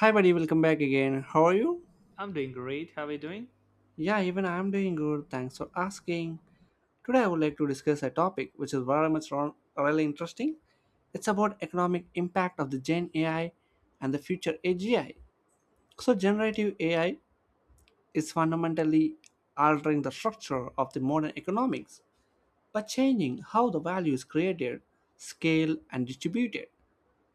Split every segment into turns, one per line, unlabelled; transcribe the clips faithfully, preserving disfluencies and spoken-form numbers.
Hi, buddy, welcome back again. How are you?
I'm doing great. How are you doing?
Yeah, even I'm doing good. Thanks for asking. Today, I would like to discuss a topic which is very much ro- really interesting. It's about economic impact of the Gen A I and the future A G I. So generative A I is fundamentally altering the structure of the modern economics by changing how the value is created, scaled, and distributed.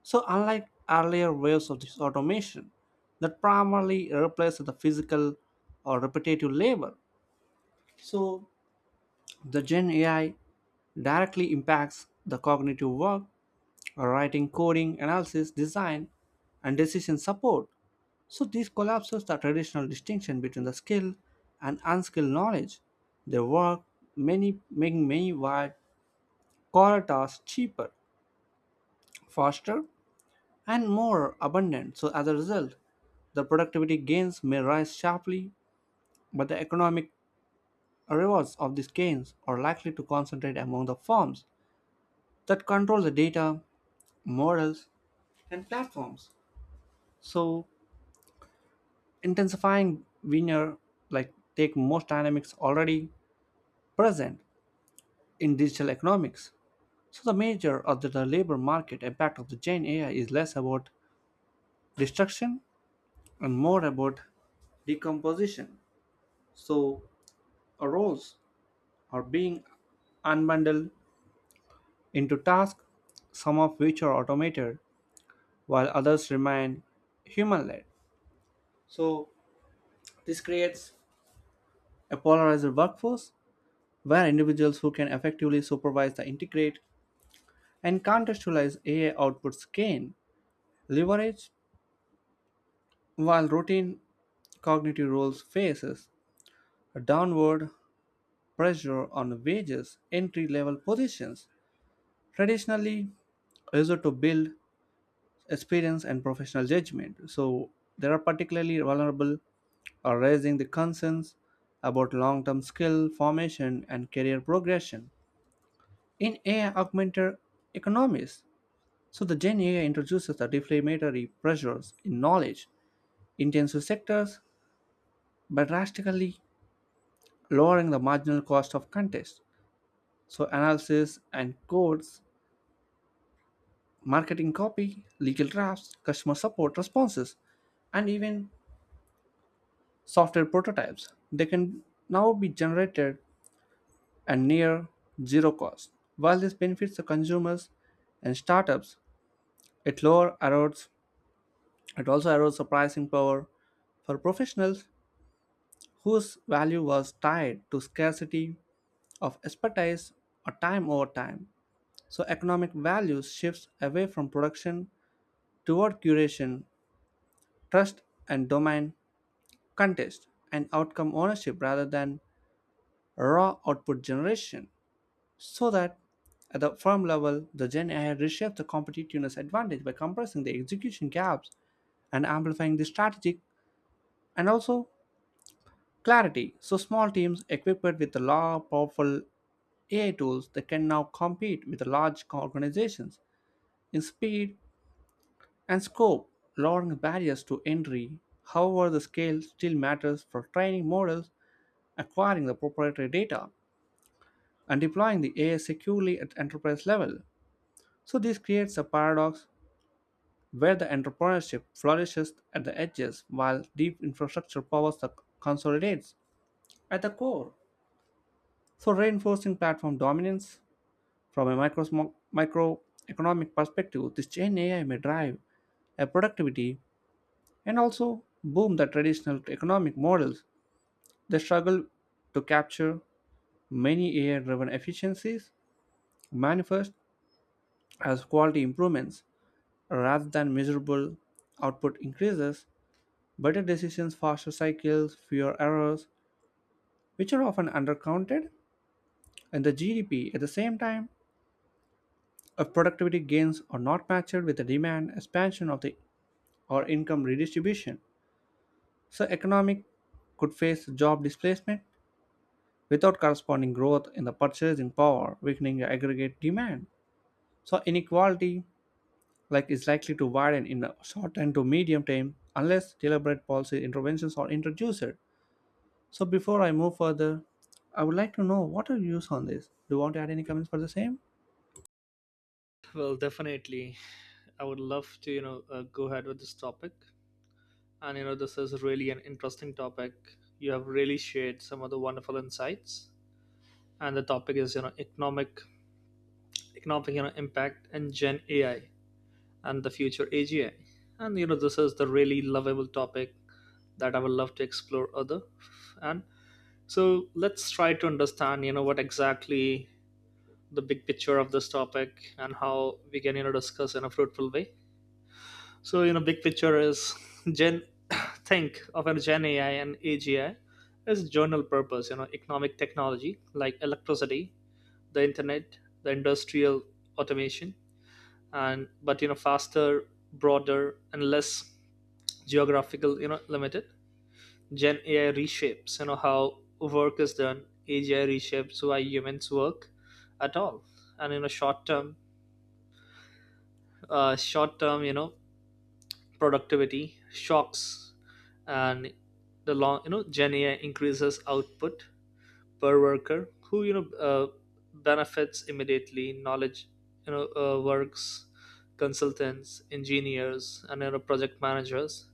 So, unlike earlier waves of this automation that primarily replaced the physical or repetitive labor, so the Gen A I directly impacts the cognitive work, writing, coding, analysis, design, and decision support. So this collapses the traditional distinction between the skilled and unskilled knowledge. They work many, making many wide core tasks cheaper, faster, and more abundant. So as a result, the productivity gains may rise sharply, but the economic rewards of these gains are likely to concentrate among the firms that control the data, models, and platforms. So, intensifying winner like take most dynamics already present in digital economics. So the major of the the labor market impact of the Gen A I is less about destruction and more about decomposition. So roles are being unbundled into tasks, some of which are automated while others remain human led. So this creates a polarized workforce where individuals who can effectively supervise the integrate and contextualize A I outputs gain leverage while routine cognitive roles faces a downward pressure on wages entry level positions traditionally used to build experience and professional judgment. So they are particularly vulnerable or raising the concerns about long-term skill formation and career progression. In A I augmented economies, so the Gen A I introduces the deflationary pressures in knowledge intensive sectors by drastically lowering the marginal cost of contest. So analysis and codes, marketing copy, legal drafts, customer support responses, and even software prototypes. They can now be generated at near zero cost. While this benefits the consumers and startups, it lower erodes it also erodes the pricing power for professionals whose value was tied to scarcity of expertise or time over time. So economic value shifts away from production toward curation, trust and domain contest and outcome ownership rather than raw output generation. So that at the firm level, the Gen A I reshapes the competitiveness advantage by compressing the execution gaps and amplifying the strategic and also clarity. So small teams equipped with the law powerful A I tools that can now compete with the large co- organizations in speed and scope, lowering barriers to entry. However, the scale still matters for training models, acquiring the proprietary data, and deploying the A I securely at enterprise level. So this creates a paradox where the entrepreneurship flourishes at the edges while deep infrastructure powers the consolidates at the core. So reinforcing platform dominance from a micro microeconomic perspective, this Gen A I may drive a productivity and also boom the traditional economic models. They struggle to capture many A I-driven efficiencies manifest as quality improvements rather than measurable output increases. Better decisions, faster cycles, fewer errors, which are often undercounted in the G D P. At the same time, if productivity gains are not matched with the demand expansion of the or income redistribution, so economic could face job displacement without corresponding growth in the purchasing power, weakening the aggregate demand. So inequality like is likely to widen in the short and to medium term unless deliberate policy interventions are introduced. So before I move further, I would like to know what are your views on this. Do you want to add any comments for the same?
Well, definitely. I would love to, you know, uh, go ahead with this topic. And, you know, this is really an interesting topic. You have really shared some of the wonderful insights. And the topic is, you know, economic, economic, you know, impact and Gen A I and the future A G I. And, you know, this is the really lovable topic that I would love to explore other. And so let's try to understand, you know, what exactly the big picture of this topic and how we can, you know, discuss in a fruitful way. So, you know, big picture is Gen think of a Gen A I and A G I as general purpose, you know, economic technology like electricity, the internet, the industrial automation, and but you know, faster, broader, and less geographical, you know, limited. Gen A I reshapes, you know, how work is done. A G I reshapes why humans work at all. And you know, short term, uh, short term, you know, productivity shocks and the long you know Gen AI increases output per worker who you know uh, benefits immediately knowledge you know uh, works consultants engineers and you know project managers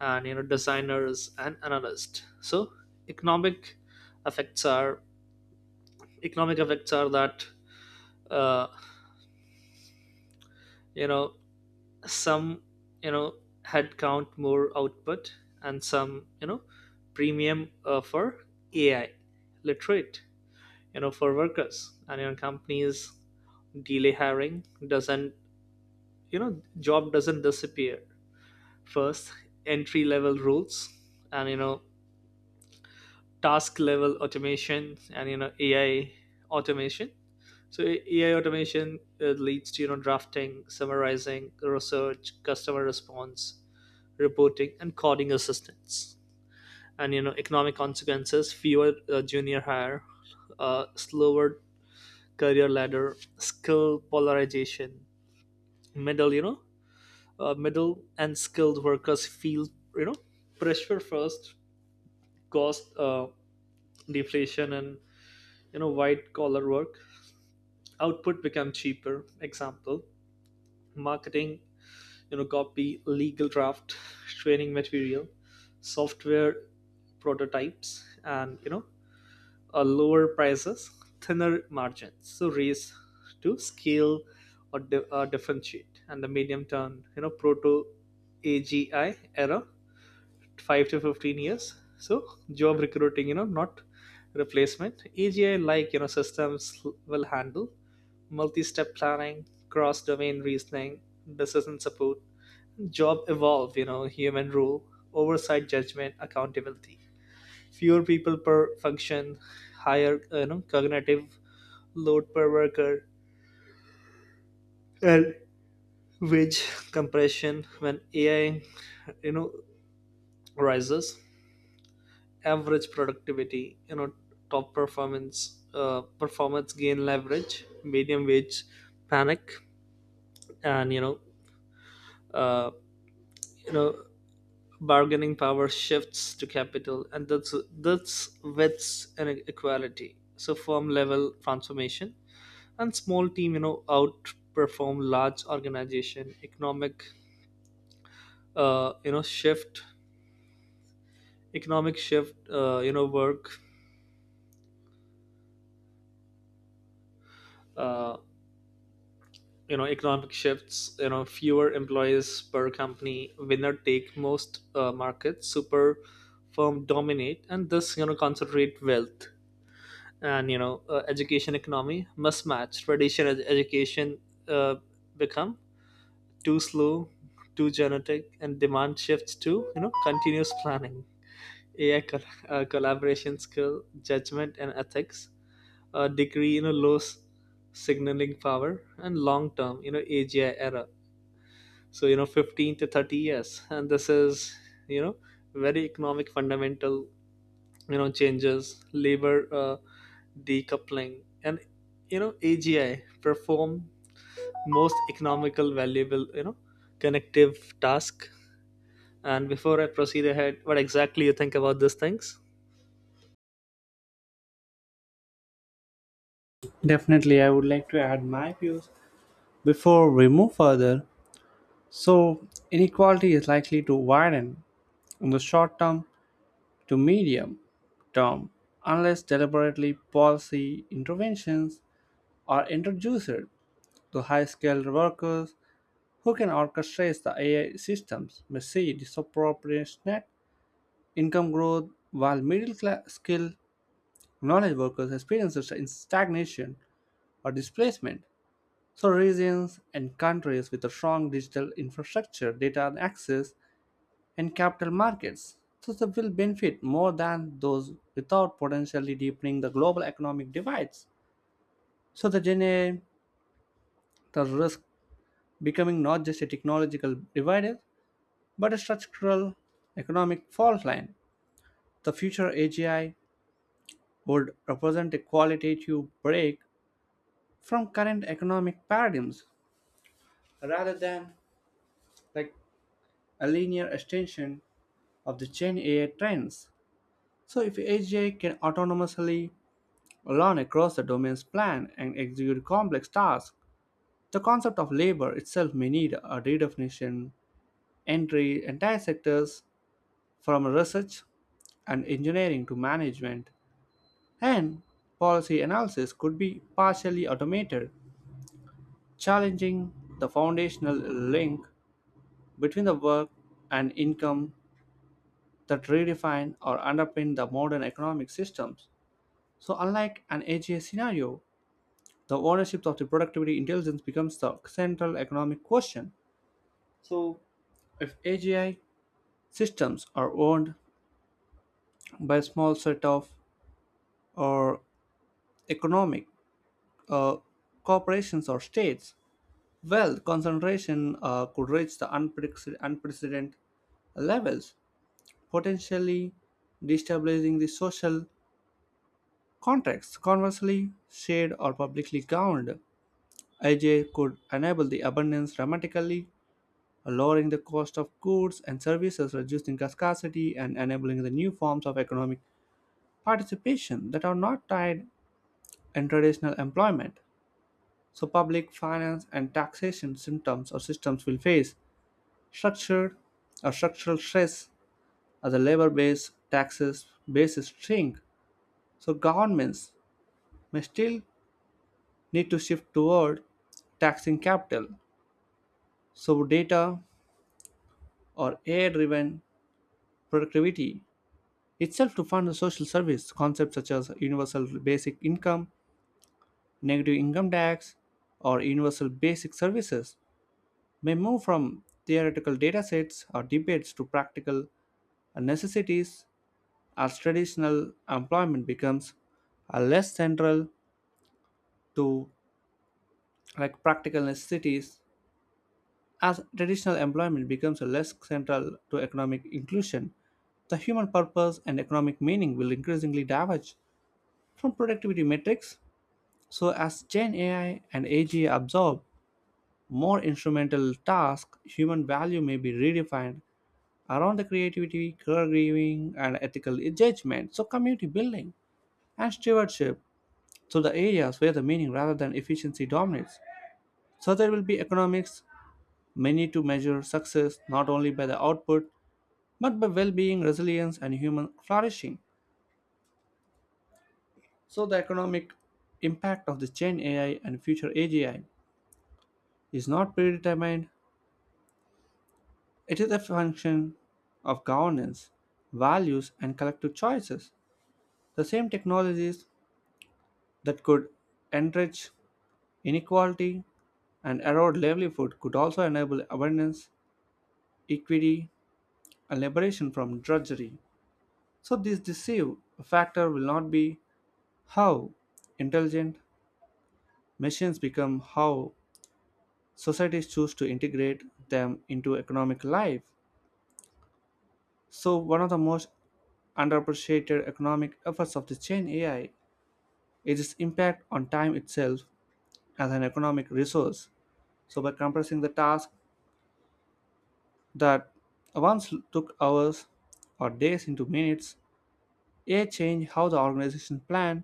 and you know designers and analysts so economic effects are economic effects are that uh, you know some you know had count more output and some you know premium uh, for AI literate you know for workers and you know companies delay hiring doesn't you know job doesn't disappear first entry level rules and you know task level automation and you know ai automation so A I automation uh, leads to you know drafting, summarizing, research, customer response, reporting, and coding assistance. And you know, economic consequences: fewer uh, junior hire, uh, slower career ladder, skill polarization, middle you know, uh, middle and skilled workers feel you know pressure first, cost uh, deflation, and you know white collar work. Output become cheaper. Example: marketing, you know, copy, legal draft, training material, software prototypes and you know uh, lower prices, thinner margins, so race to scale or di- uh, differentiate. And the medium term, you know, proto A G I era, five to fifteen years. So job recruiting, you know, not replacement. A G I like you know systems will handle multi-step planning, cross-domain reasoning, decision support, job evolve, you know, human rule, oversight, judgment, accountability fewer people per function, higher you know, cognitive load per worker, and wage compression when A I you know rises, average productivity, you know top performance, uh, performance gain leverage, medium wage panic, and you know uh, you know bargaining power shifts to capital, and that's that's widths and equality. So firm level transformation and small team you know outperform large organization economic uh, you know shift economic shift uh, you know work uh, you know economic shifts you know fewer employees per company winner take most uh, markets super firm dominate and this you know concentrate wealth and you know uh, education economy mismatch traditional ed- education uh, become too slow too genetic and demand shifts to you know continuous planning A I col- uh, collaboration skill, judgment and ethics, a degree, you know, low s- signaling power, and long term, you know, A G I era. So, you know, fifteen to thirty years. And this is, you know, very economic fundamental, you know, changes, labor uh, decoupling, and, you know, A G I perform most economical, valuable, you know, connective task. And before I proceed ahead, what exactly you think about these things?
Definitely, I would like to add my views before we move further. So inequality is likely to widen in the short term to medium term unless deliberately policy interventions are introduced to high-skilled workers who can orchestrate the A I systems may see disproportionate income growth while middle-class skilled knowledge workers experiences in stagnation or displacement. So, regions and countries with a strong digital infrastructure, data access, and capital markets so they will benefit more than those without potentially deepening the global economic divides. So the D N A the risk becoming not just a technological divide but a structural economic fault line. The future A G I would represent a qualitative break from current economic paradigms rather than like a linear extension of the Gen A I trends. So if A G I can autonomously learn across the domain's plan and execute complex tasks, the concept of labor itself may need a redefinition, entry entire sectors from research and engineering to management, and policy analysis could be partially automated, challenging the foundational link between the work and income that redefine or underpin the modern economic systems. So, unlike an A G I scenario, the ownership of the productivity intelligence becomes the central economic question. So, if A G I systems are owned by a small set of or economic uh, corporations or states, wealth concentration uh, could reach the unprecedented, unprecedented levels, potentially destabilizing the social contracts. Conversely, shared or publicly governed, I J could enable the abundance dramatically, lowering the cost of goods and services, reducing scarcity, and enabling the new forms of economic participation that are not tied in traditional employment. So, public finance and taxation symptoms or systems will face structured or structural stress as the labor base taxes bases shrink. So, governments may still need to shift toward taxing capital, so data or A I driven productivity itself to fund the social service concepts such as universal basic income, negative income tax, or universal basic services may move from theoretical datasets or debates to practical necessities as traditional employment becomes are less central to like practical necessities As traditional employment becomes less central to economic inclusion, the human purpose and economic meaning will increasingly diverge from productivity metrics. So, as Gen A I and A G I absorb more instrumental tasks, human value may be redefined around the creativity, caregiving, and ethical judgment. So, community building and stewardship. So, the areas where the meaning rather than efficiency dominates. So, there will be economics, many to measure success not only by the output but by well being, resilience, and human flourishing. So, the economic impact of the Gen A I and future A G I is not predetermined, it is a function of governance, values, and collective choices. The same technologies that could enrich inequality and erode livelihood could also enable abundance, equity, and liberation from drudgery. So, this deceive factor will not be how intelligent machines become, how societies choose to integrate them into economic life. So, one of the most underappreciated economic efforts of the Gen A I is its impact on time itself as an economic resource. So, by compressing the task that once took hours or days into minutes, A I change how the organization plan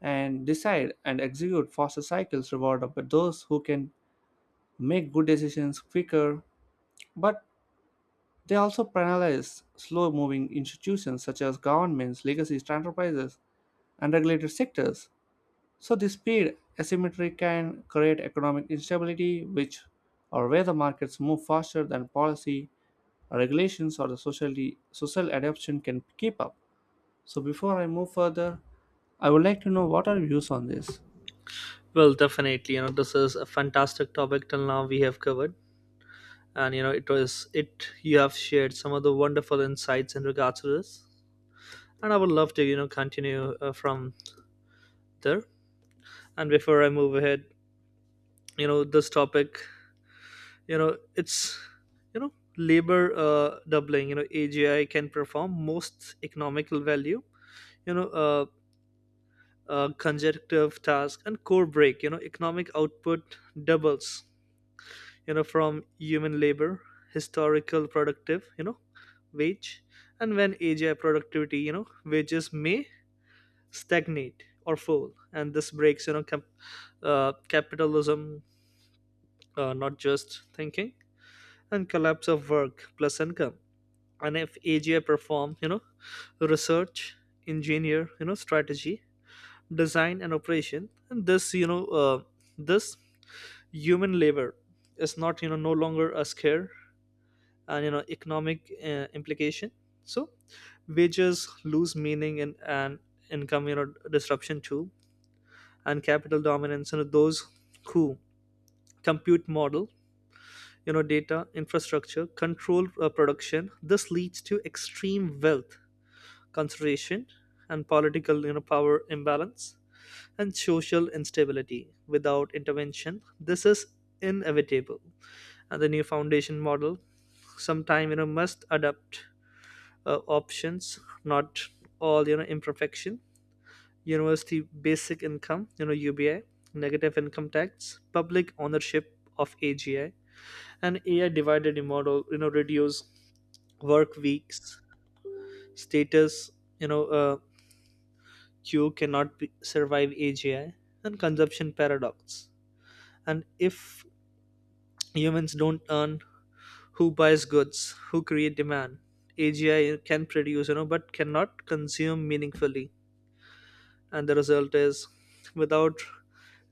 and decide and execute faster cycles reward of those who can make good decisions quicker but they also penalize slow moving institutions such as governments, legacy enterprises, and regulated sectors. So, this speed asymmetry can create economic instability, which or where the markets move faster than policy, regulations, or the socially, social adoption can keep up. So, before I move further, I would like to know what are your views on this.
Well, definitely. You know, this is a fantastic topic till now we have covered. And you know, it was it you have shared some of the wonderful insights in regards to this. And I would love to, you know, continue uh, from there. And before I move ahead, you know, this topic, you know, it's you know, labor uh, doubling, you know, A G I can perform most economical value, you know, uh, uh, conjunctive task and core break, you know, economic output doubles you know from human labor historical productive you know wage and when AGI productivity you know wages may stagnate or fall and this breaks you know cap- uh, capitalism uh, not just thinking and collapse of work plus income and if AGI perform you know research engineer you know strategy design and operation and this you know uh, this human labor is not you know no longer a scare and you know economic uh, implication so wages lose meaning and, and income you know disruption too and capital dominance you know those who compute model you know data infrastructure control uh, production this leads to extreme wealth concentration and political you know power imbalance and social instability without intervention this is inevitable and the new foundation model sometime you know must adapt uh, options, not all you know imperfection. University basic income, you know U B I, negative income tax, public ownership of A G I, and A I divided model. You know reduce work weeks, status. You know uh, Q cannot be, survive A G I and consumption paradox. And if humans don't earn, who buys goods? Who create demand? A G I can produce, you know, but cannot consume meaningfully and the result is without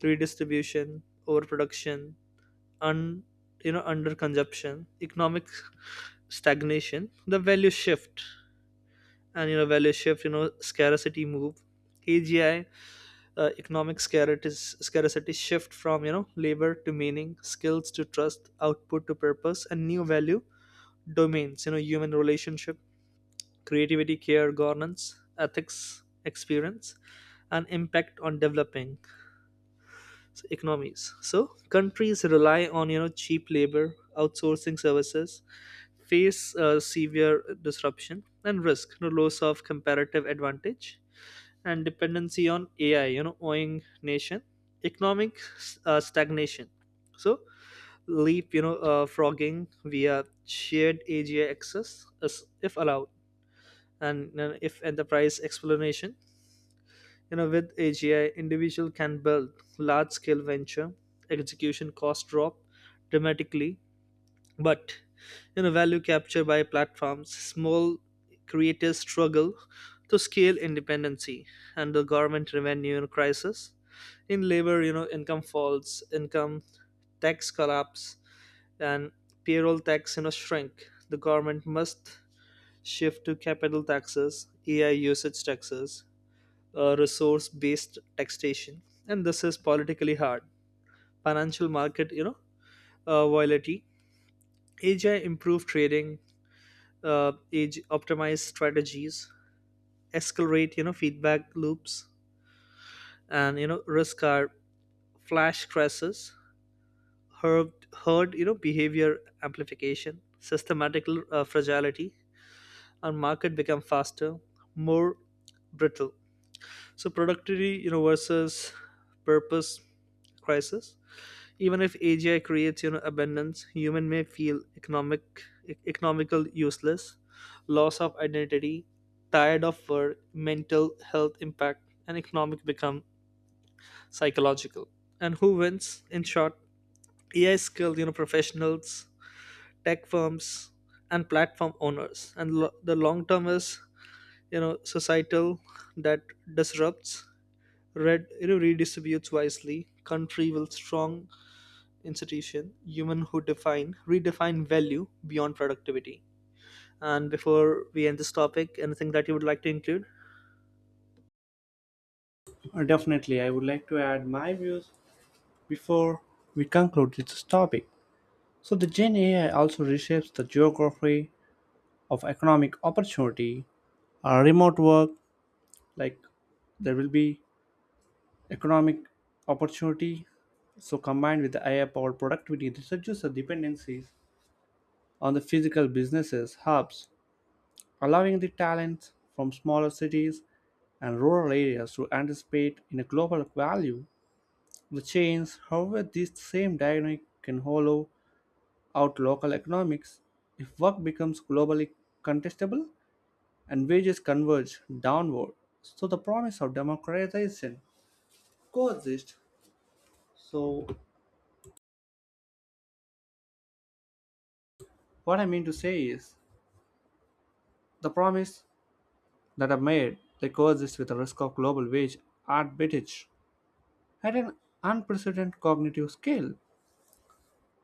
redistribution overproduction and you know under consumption economic stagnation the value shift and you know value shift you know scarcity move AGI uh, economic scarcity scarcity shift from you know labor to meaning skills to trust output to purpose and new value domains you know human relationship creativity care governance ethics experience and impact on developing so economies. So countries rely on you know cheap labor, outsourcing services, face uh, severe disruption and risk, you know, loss of comparative advantage, and dependency on A I. You know, owing nation economic uh, stagnation. So leap, you know, uh, frogging via shared A G I access, as if allowed, and uh, if enterprise explanation you know, with A G I, individual can build large-scale venture, execution cost drop dramatically, but you know, value capture by platforms, small creators struggle to scale independency, and the government revenue crisis. In labor, you know, income falls, income tax collapse, and payroll tax, you know, shrink. The government must shift to capital taxes, A I usage taxes, uh, resource based taxation and this is politically hard financial market you know uh, volatility AI improve trading uh, age optimize strategies escalate, you know feedback loops and you know risk are flash crashes herd, herd you know behavior amplification systematic uh, fragility and market become faster more brittle so productivity you know versus purpose crisis even if A G I creates you know abundance, human may feel economic e- economical useless, loss of identity, tired of work, mental health impact, and economic become psychological. And who wins? In short, A I skilled you know professionals, tech firms, and platform owners. And lo- the long term is you know societal that disrupts, red you know redistributes wisely. Country will strong institution, human who define, redefine value beyond productivity. And before we end this topic, anything that you would like to include?
Uh, Definitely, I would like to add my views before we conclude this topic. So, the Gen A I also reshapes the geography of economic opportunity uh, remote work like there will be economic opportunity so combined with the ai powered productivity this reduces the dependencies on the physical businesses hubs allowing the talents from smaller cities and rural areas to anticipate in a global value the chains however this same dynamic can hollow out local economics if work becomes globally contestable and wages converge downward. So the promise of democratization coexists. So what I mean to say is the promise that are made they coexist with the risk of global wage arbitrage at an unprecedented cognitive scale.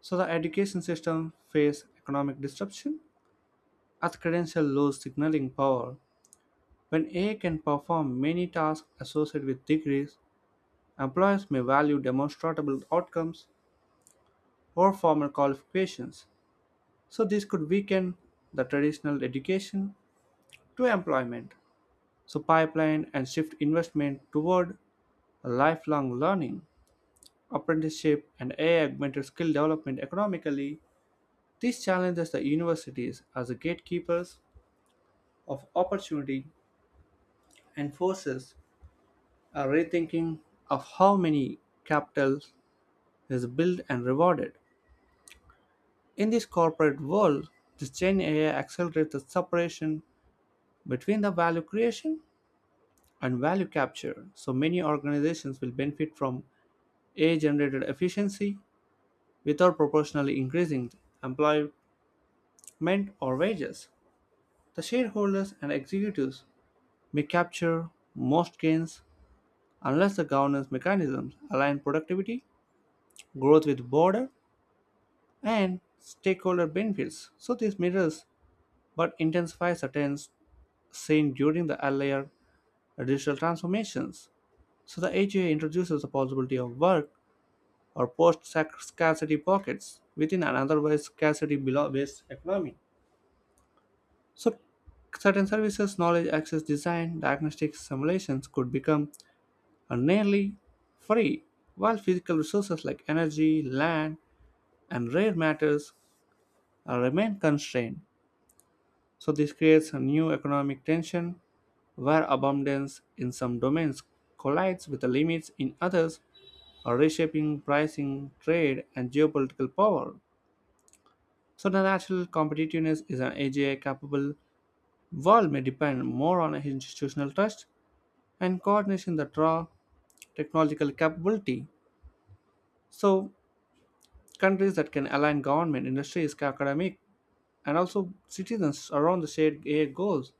So the education system face economic disruption as credential lose signaling power. When A I can perform many tasks associated with degrees, employers may value demonstrable outcomes or formal qualifications. So this could weaken the traditional education to employment. So pipeline and shift investment toward lifelong learning, apprenticeship and A I-augmented skill development economically. This challenges the universities as the gatekeepers of opportunity and forces a rethinking of how many capital is built and rewarded. In this corporate world, this Gen A I accelerates the separation between the value creation and value capture, so many organizations will benefit from A I generated efficiency without proportionally increasing employment or wages. The shareholders and executives may capture most gains unless the governance mechanisms align productivity, growth with border, and stakeholder benefits. So this mirrors but intensifies the trends seen during the earlier digital transformations. So the A G I introduces the possibility of work or post scarcity pockets within an otherwise scarcity below based economy. So, certain services, knowledge access design, diagnostics, simulations could become uh, nearly free, while physical resources like energy, land, and rare matters uh, remain constrained. So, this creates a new economic tension where abundance in some domains collides with the limits in others, or reshaping pricing, trade, and geopolitical power. So the national competitiveness is an A G I capable world may depend more on institutional trust and coordination that draw technological capability. So countries that can align government, industries, academic, and also citizens around the shared A I goals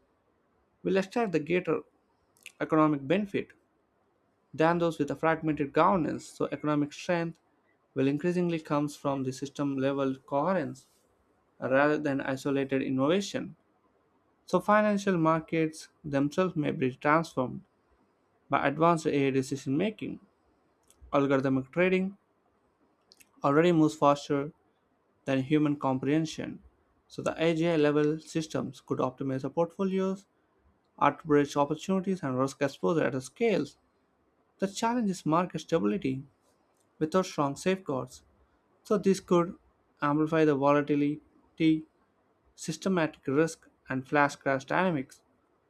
will extract the greater economic benefit than those with a fragmented governance. So economic strength will increasingly comes from the system level coherence rather than isolated innovation. So, financial markets themselves may be transformed by advanced A I decision making. Algorithmic trading already moves faster than human comprehension. So, the A G I level systems could optimize our portfolios, arbitrage opportunities, and risk exposure at a scale that challenges market stability without strong safeguards. So, this could amplify the volatility, systematic risk, and flash crash dynamics,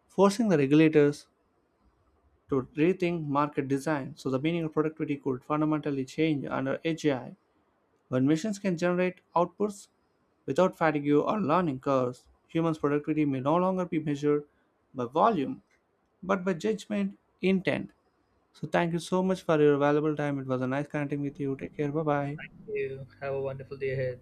forcing the regulators to rethink market design so the meaning of productivity could fundamentally change under A G I. When machines can generate outputs without fatigue or learning curves, humans' productivity may no longer be measured by volume but by judgment intent. So, thank you so much for your valuable time. It was a nice connecting with you. Take care. Bye bye.
You have a wonderful day ahead.